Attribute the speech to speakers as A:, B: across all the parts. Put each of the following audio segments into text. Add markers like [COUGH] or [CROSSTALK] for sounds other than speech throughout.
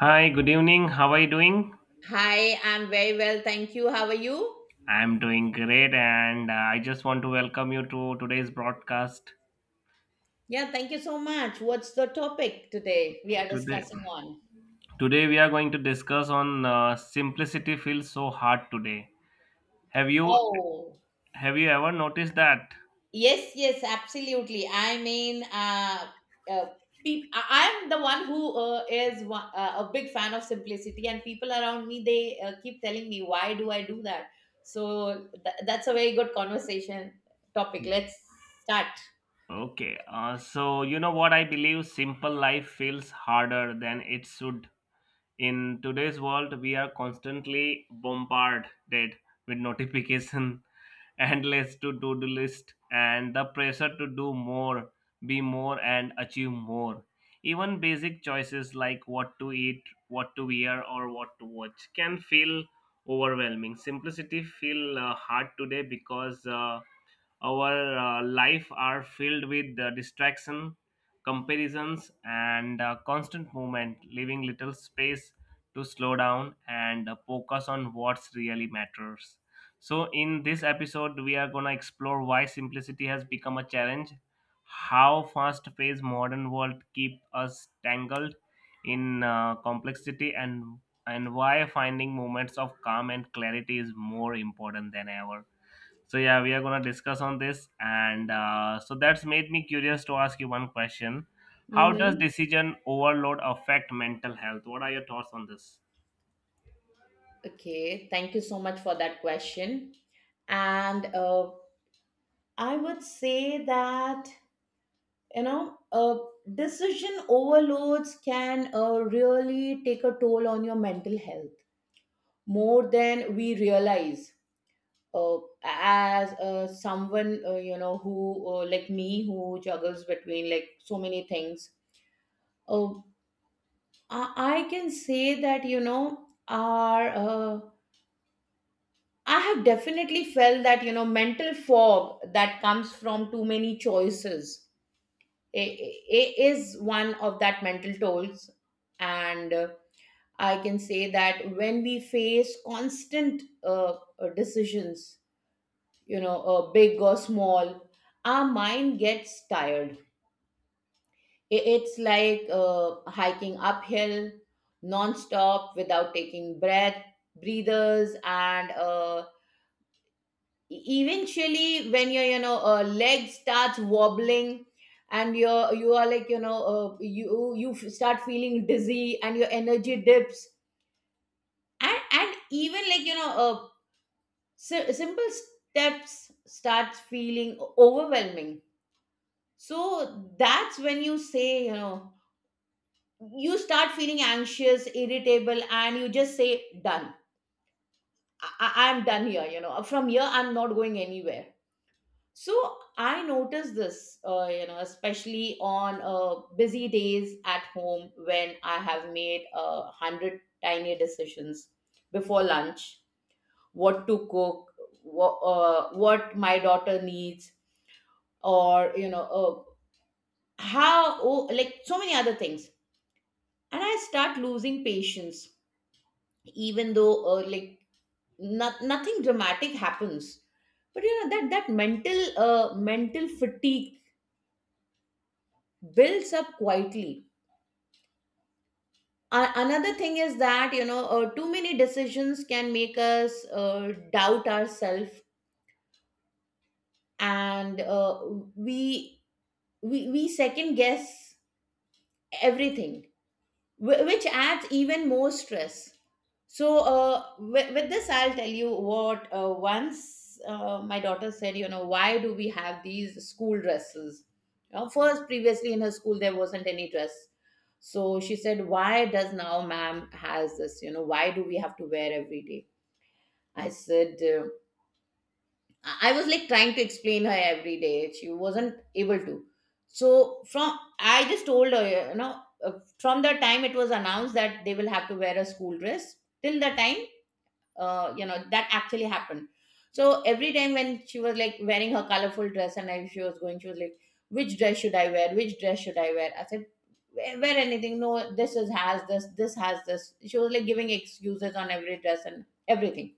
A: Hi, good evening. How are you doing?
B: Hi, I'm very well. Thank you. How are you?
A: I'm doing great, and I just want to welcome you to today's broadcast.
B: Yeah, thank you so much. What's the topic today we are
A: Today,
B: discussing on?
A: today we are going to discuss on simplicity feels so hard today. Have you
B: Oh,
A: have you ever noticed that?
B: yes, yes, absolutely. I mean, uh, I'm the one who a big fan of simplicity, and people around me, they keep telling me, "Why do I do that?" So that's a very good conversation topic. Let's start.
A: Okay, so you know what, I believe simple life feels harder than it should. In today's world, we are constantly bombarded with notification, [LAUGHS] endless to-do list, and the pressure to do more, be more, and achieve more. Even basic choices like what to eat, what to wear, or what to watch can feel overwhelming. Simplicity feel hard today because our life are filled with distraction, comparisons, and constant movement, leaving little space to slow down and focus on what really matters. So in this episode we are going to explore why simplicity has become a challenge, how fast paced modern world keep us tangled in complexity, and why finding moments of calm and clarity is more important than ever. So yeah, we are gonna discuss on this, and so that's made me curious to ask you one question: How does
B: Mm-hmm.
A: decision overload affect mental health? What are your thoughts on this?
B: Okay, thank you so much for that question. And I would say that you know, uh, decision overloads can really take a toll on your mental health, more than we realize. Uh, as someone you know who like me, who juggles between like so many things, uh, I can say that you know our I have definitely felt that mental fog that comes from too many choices. It is one of that mental tolls, and I can say that when we face constant decisions, big or small, our mind gets tired. It's like hiking uphill non-stop without taking breathers. And E-, eventually when your leg starts wobbling and you are like, you start feeling dizzy and your energy dips, and even like, simple steps starts feeling overwhelming. So that's when, you say you know, you start feeling anxious, irritable, and you just say done. I'm done here. From here, I'm not going anywhere. So I notice this, especially on busy days at home, when I have made a hundred tiny decisions before lunch: what to cook, what my daughter needs, or like so many other things, and I start losing patience, even though like, nothing dramatic happens, but you know, that mental fatigue builds up quietly. Another thing is that, too many decisions can make us doubt ourselves, and uh, we, we we second guess everything, which adds even more stress. So, with this, I'll tell you what, once, my daughter said, you know, "Why do we have these school dresses?" You know, first, previously, in her school, there wasn't any dress. So she said, "Why does now ma'am has this? You know, why do we have to wear every day?" I said, I was like trying to explain her every day. She wasn't able to. So from, I just told her, you know, from the time it was announced that they will have to wear a school dress till the time, you know, that actually happened. So every time when she was like wearing her colorful dress and I, she was going, she was like, "Which dress should I wear? Which dress should I wear?" I said, wear anything. No, this is has this. This has this. She was like giving excuses on every dress and everything.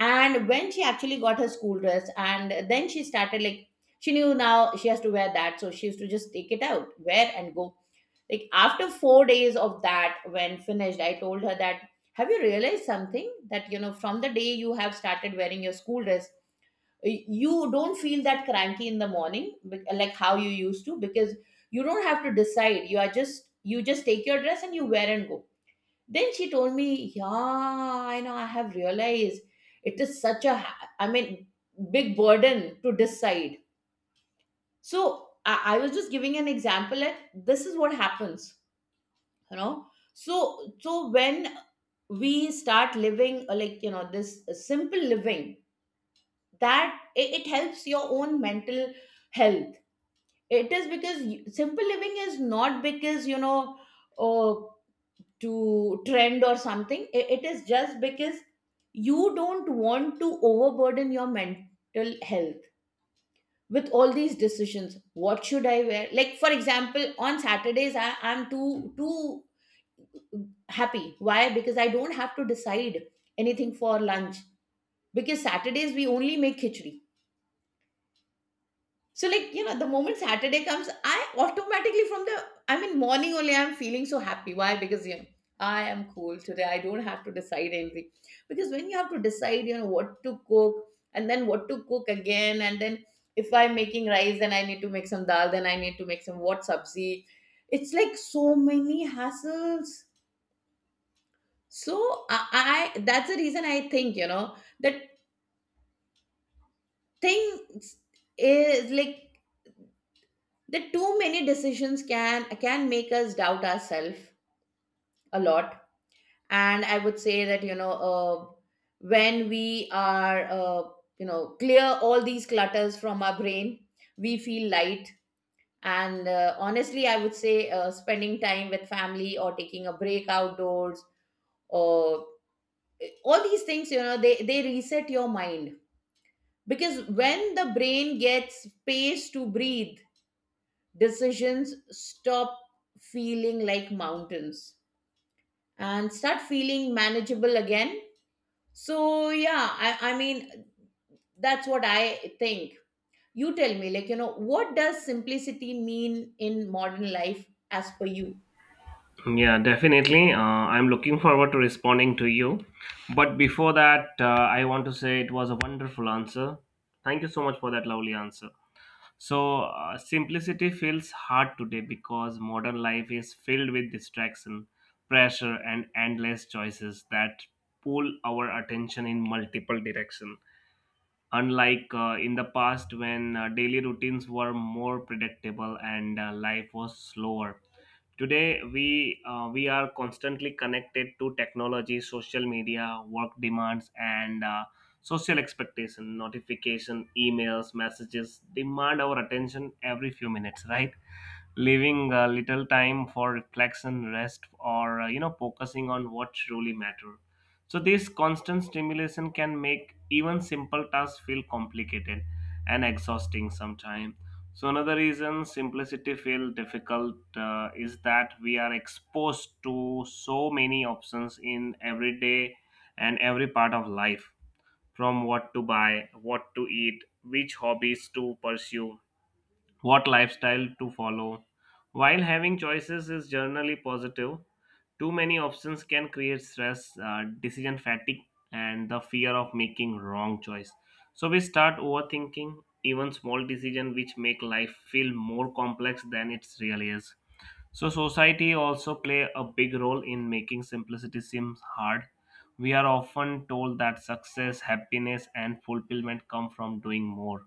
B: And when she actually got her school dress and then she started like, she knew now she has to wear that, so she used to just take it out, wear, and go. Like after 4 days of that, when finished, I told her that, have you realized something, that you know, from the day you have started wearing your school dress, you don't feel that cranky in the morning, like how you used to, because you don't have to decide. You are just, you just take your dress and you wear and go. Then she told me, "Yeah, I know, I have realized it is such a, I mean, big burden to decide." So I was just giving an example that this is what happens, you know. So when we start living, like, you know, this simple living, that it helps your own mental health. It is because you, simple living is not because, you know, uh, to trend or something. It is just because you don't want to overburden your mental health with all these decisions. What should I wear? Like, for example, on Saturdays, I'm too happy. Why? Because I don't have to decide anything for lunch, because Saturdays we only make khichdi. So, like, you know, the moment Saturday comes, I automatically from the, I mean, morning only, I'm feeling so happy. Why? Because, you know, I am cool today. I don't have to decide anything. Because when you have to decide, you know, what to cook, and then what to cook again, and then if I'm making rice, then I need to make some dal, then I need to make some what sabzi. It's like so many hassles. So, I that's the reason I think, you know, that things is like, the too many decisions can make us doubt ourselves a lot. And I would say that, you know, when we are, clear all these clutters from our brain, we feel light. And honestly, I would say spending time with family or taking a break outdoors, or all these things, you know, they reset your mind, because when the brain gets space to breathe, decisions stop feeling like mountains and start feeling manageable again. So, yeah, I mean, that's what I think. You tell me, like, you know, what does simplicity mean in modern life as per you?
A: Yeah, definitely. I'm looking forward to responding to you. But before that, I want to say it was a wonderful answer. Thank you so much for that lovely answer. So, simplicity feels hard today because modern life is filled with distraction, pressure, and endless choices that pull our attention in multiple directions. Unlike in the past, when daily routines were more predictable and life was slower, today, we are constantly connected to technology, social media, work demands, and social expectation. Notification, emails, messages demand our attention every few minutes, right? Leaving little time for reflection, rest, or focusing on what truly matter. So this constant stimulation can make even simple tasks feel complicated and exhausting sometimes. So another reason simplicity feel difficult is that we are exposed to so many options in every day and every part of life, from what to buy, what to eat, which hobbies to pursue, what lifestyle to follow. While having choices is generally positive, too many options can create stress, decision fatigue, and the fear of making wrong choice. So we start overthinking even small decisions, which make life feel more complex than it really is. So society also play a big role in making simplicity seem hard. We are often told that success, happiness, and fulfillment come from doing more,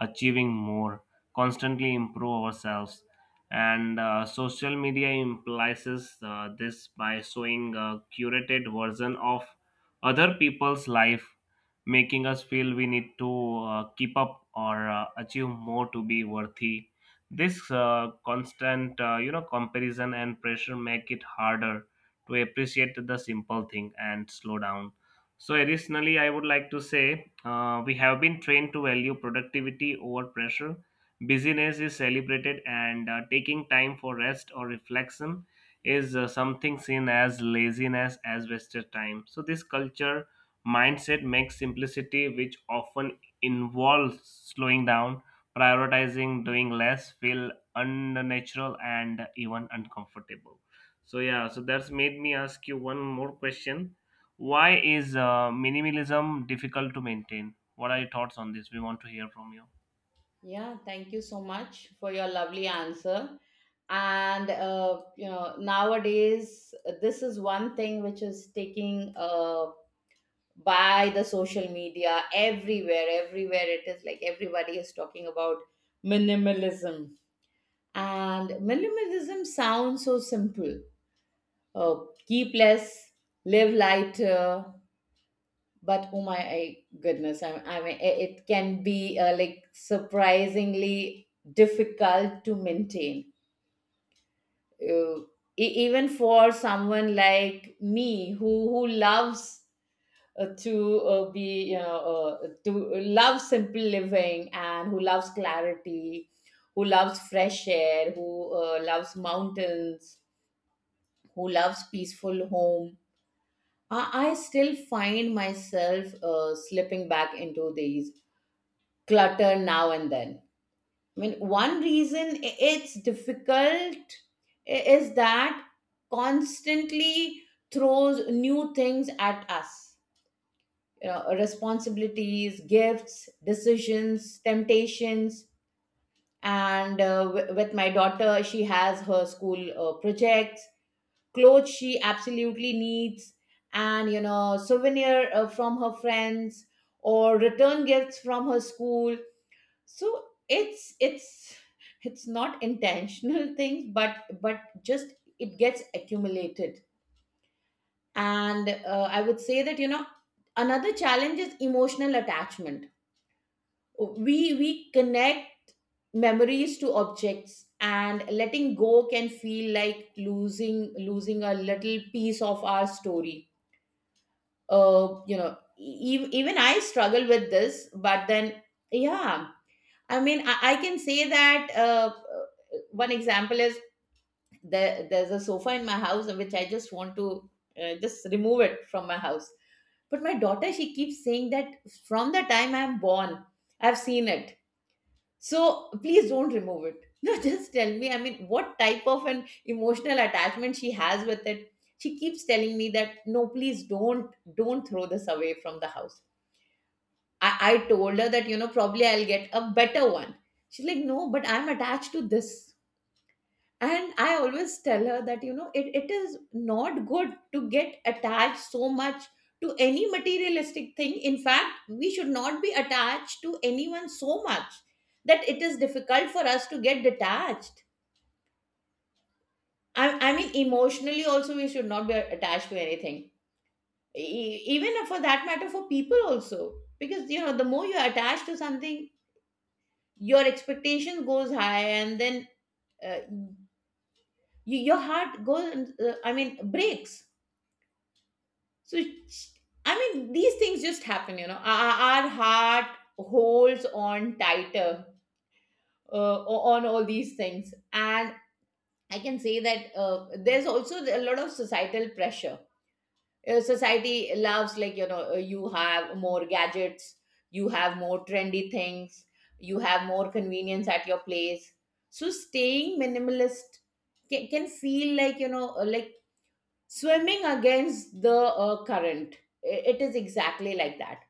A: achieving more, constantly improve ourselves. And social media implies this by showing a curated version of other people's life, making us feel we need to keep up or achieve more to be worthy. This constant comparison and pressure make it harder to appreciate the simple thing and slow down. So additionally I would like to say we have been trained to value productivity over pressure. Busyness is celebrated, and taking time for rest or reflection is something seen as laziness, as wasted time. So this culture mindset makes simplicity, which often involves slowing down, prioritizing, doing less, feel unnatural and even uncomfortable. So yeah, so that's made me ask you one more question. Why is minimalism difficult to maintain? What are your thoughts on this? We want to hear from you.
B: Yeah, thank you so much for your lovely answer. And, you know, nowadays, this is one thing which is taking, by the social media, everywhere, it is like everybody is talking about minimalism. And minimalism sounds so simple: "Oh, keep less, live lighter." But oh my goodness, I mean, it can be like surprisingly difficult to maintain, uh, even for someone like me, who loves to be you know to love simple living and who loves clarity, who loves fresh air, who loves mountains, who loves peaceful home. I still find myself slipping back into these clutter now and then. I mean, one reason it's difficult is that constantly throws new things at us, you know, responsibilities, gifts, decisions, temptations. And with my daughter, she has her school projects, clothes she absolutely needs, and you know, souvenir from her friends, or return gifts from her school. So it's not intentional [LAUGHS] things, but just it gets accumulated. And I would say that, you know, another challenge is emotional attachment. We connect memories to objects, and letting go can feel like losing a little piece of our story. Even I struggle with this, but then, yeah, I mean, I can say that, one example is, there's a sofa in my house which I just want to just remove it from my house, but my daughter, she keeps saying that, "From the time I'm born, I've seen it, so please don't remove it." [LAUGHS] No, just tell me, I mean, what type of an emotional attachment she has with it. She keeps telling me that, "No, please don't throw this away from the house." I told her that, you know, probably I'll get a better one. She's like, "No, but I'm attached to this." And I always tell her that, you know, it is not good to get attached so much to any materialistic thing. In fact, we should not be attached to anyone so much that it is difficult for us to get detached. I mean, emotionally also, we should not be attached to anything, even for that matter, for people also, because you know, the more you're attached to something, your expectation goes high, and then uh, your heart goes, I mean, breaks. So, it's, I mean, these things just happen, you know. Our heart holds on tighter on all these things. And I can say that there's also a lot of societal pressure. Society loves, like, you know, you have more gadgets, you have more trendy things, you have more convenience at your place. So, staying minimalist can feel like, you know, like swimming against the current. It is exactly like that.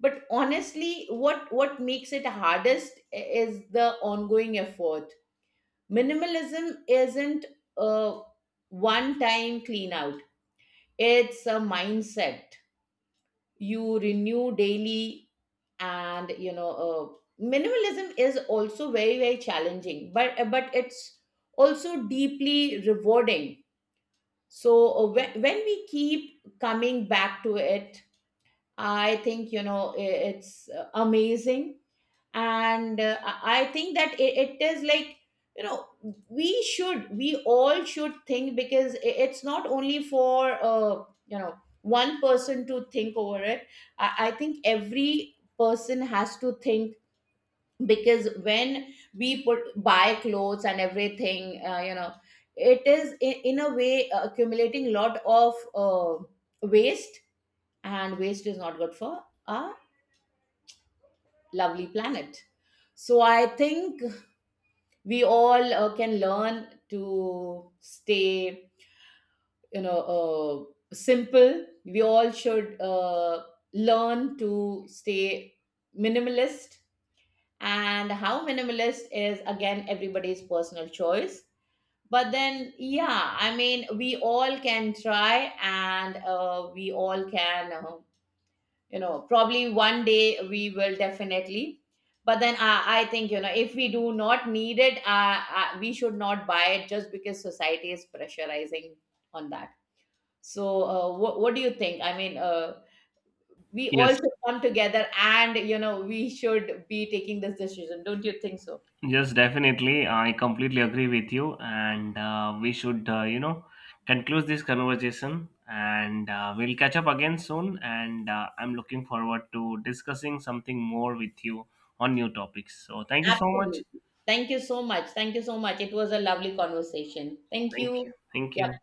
B: But honestly, what makes it hardest is the ongoing effort. Minimalism isn't a one time clean out, it's a mindset you renew daily. And you know, minimalism is also very challenging, but it's also deeply rewarding. So when we keep coming back to it, I think, you know, it's amazing. And I think that it is like, you know, we should, we all should think, because it's not only for, you know, one person to think over it. I think every person has to think, because when we put buy clothes and everything, you know, it is in a way accumulating lot of waste, and waste is not good for our lovely planet. So I think we all can learn to stay, you know, simple. We all should learn to stay minimalist. And how minimalist is again everybody's personal choice, but then yeah, I mean, we all can try, and we all can, probably one day we will definitely. But then I think, you know, if we do not need it, we should not buy it just because society is pressurizing on that. So what do you think? I mean, we all
A: Yes.
B: should come together, and you know, we should be taking this decision, don't you think so?
A: Yes, definitely. I completely agree with you, and we should, you know, conclude this conversation, and we'll catch up again soon. And I'm looking forward to discussing something more with you on new topics. So, thank you so much.
B: Absolutely. Thank you so much. Thank you so much. It was a lovely conversation. Thank
A: Thank you.
B: you.
A: Thank you.
B: Yeah.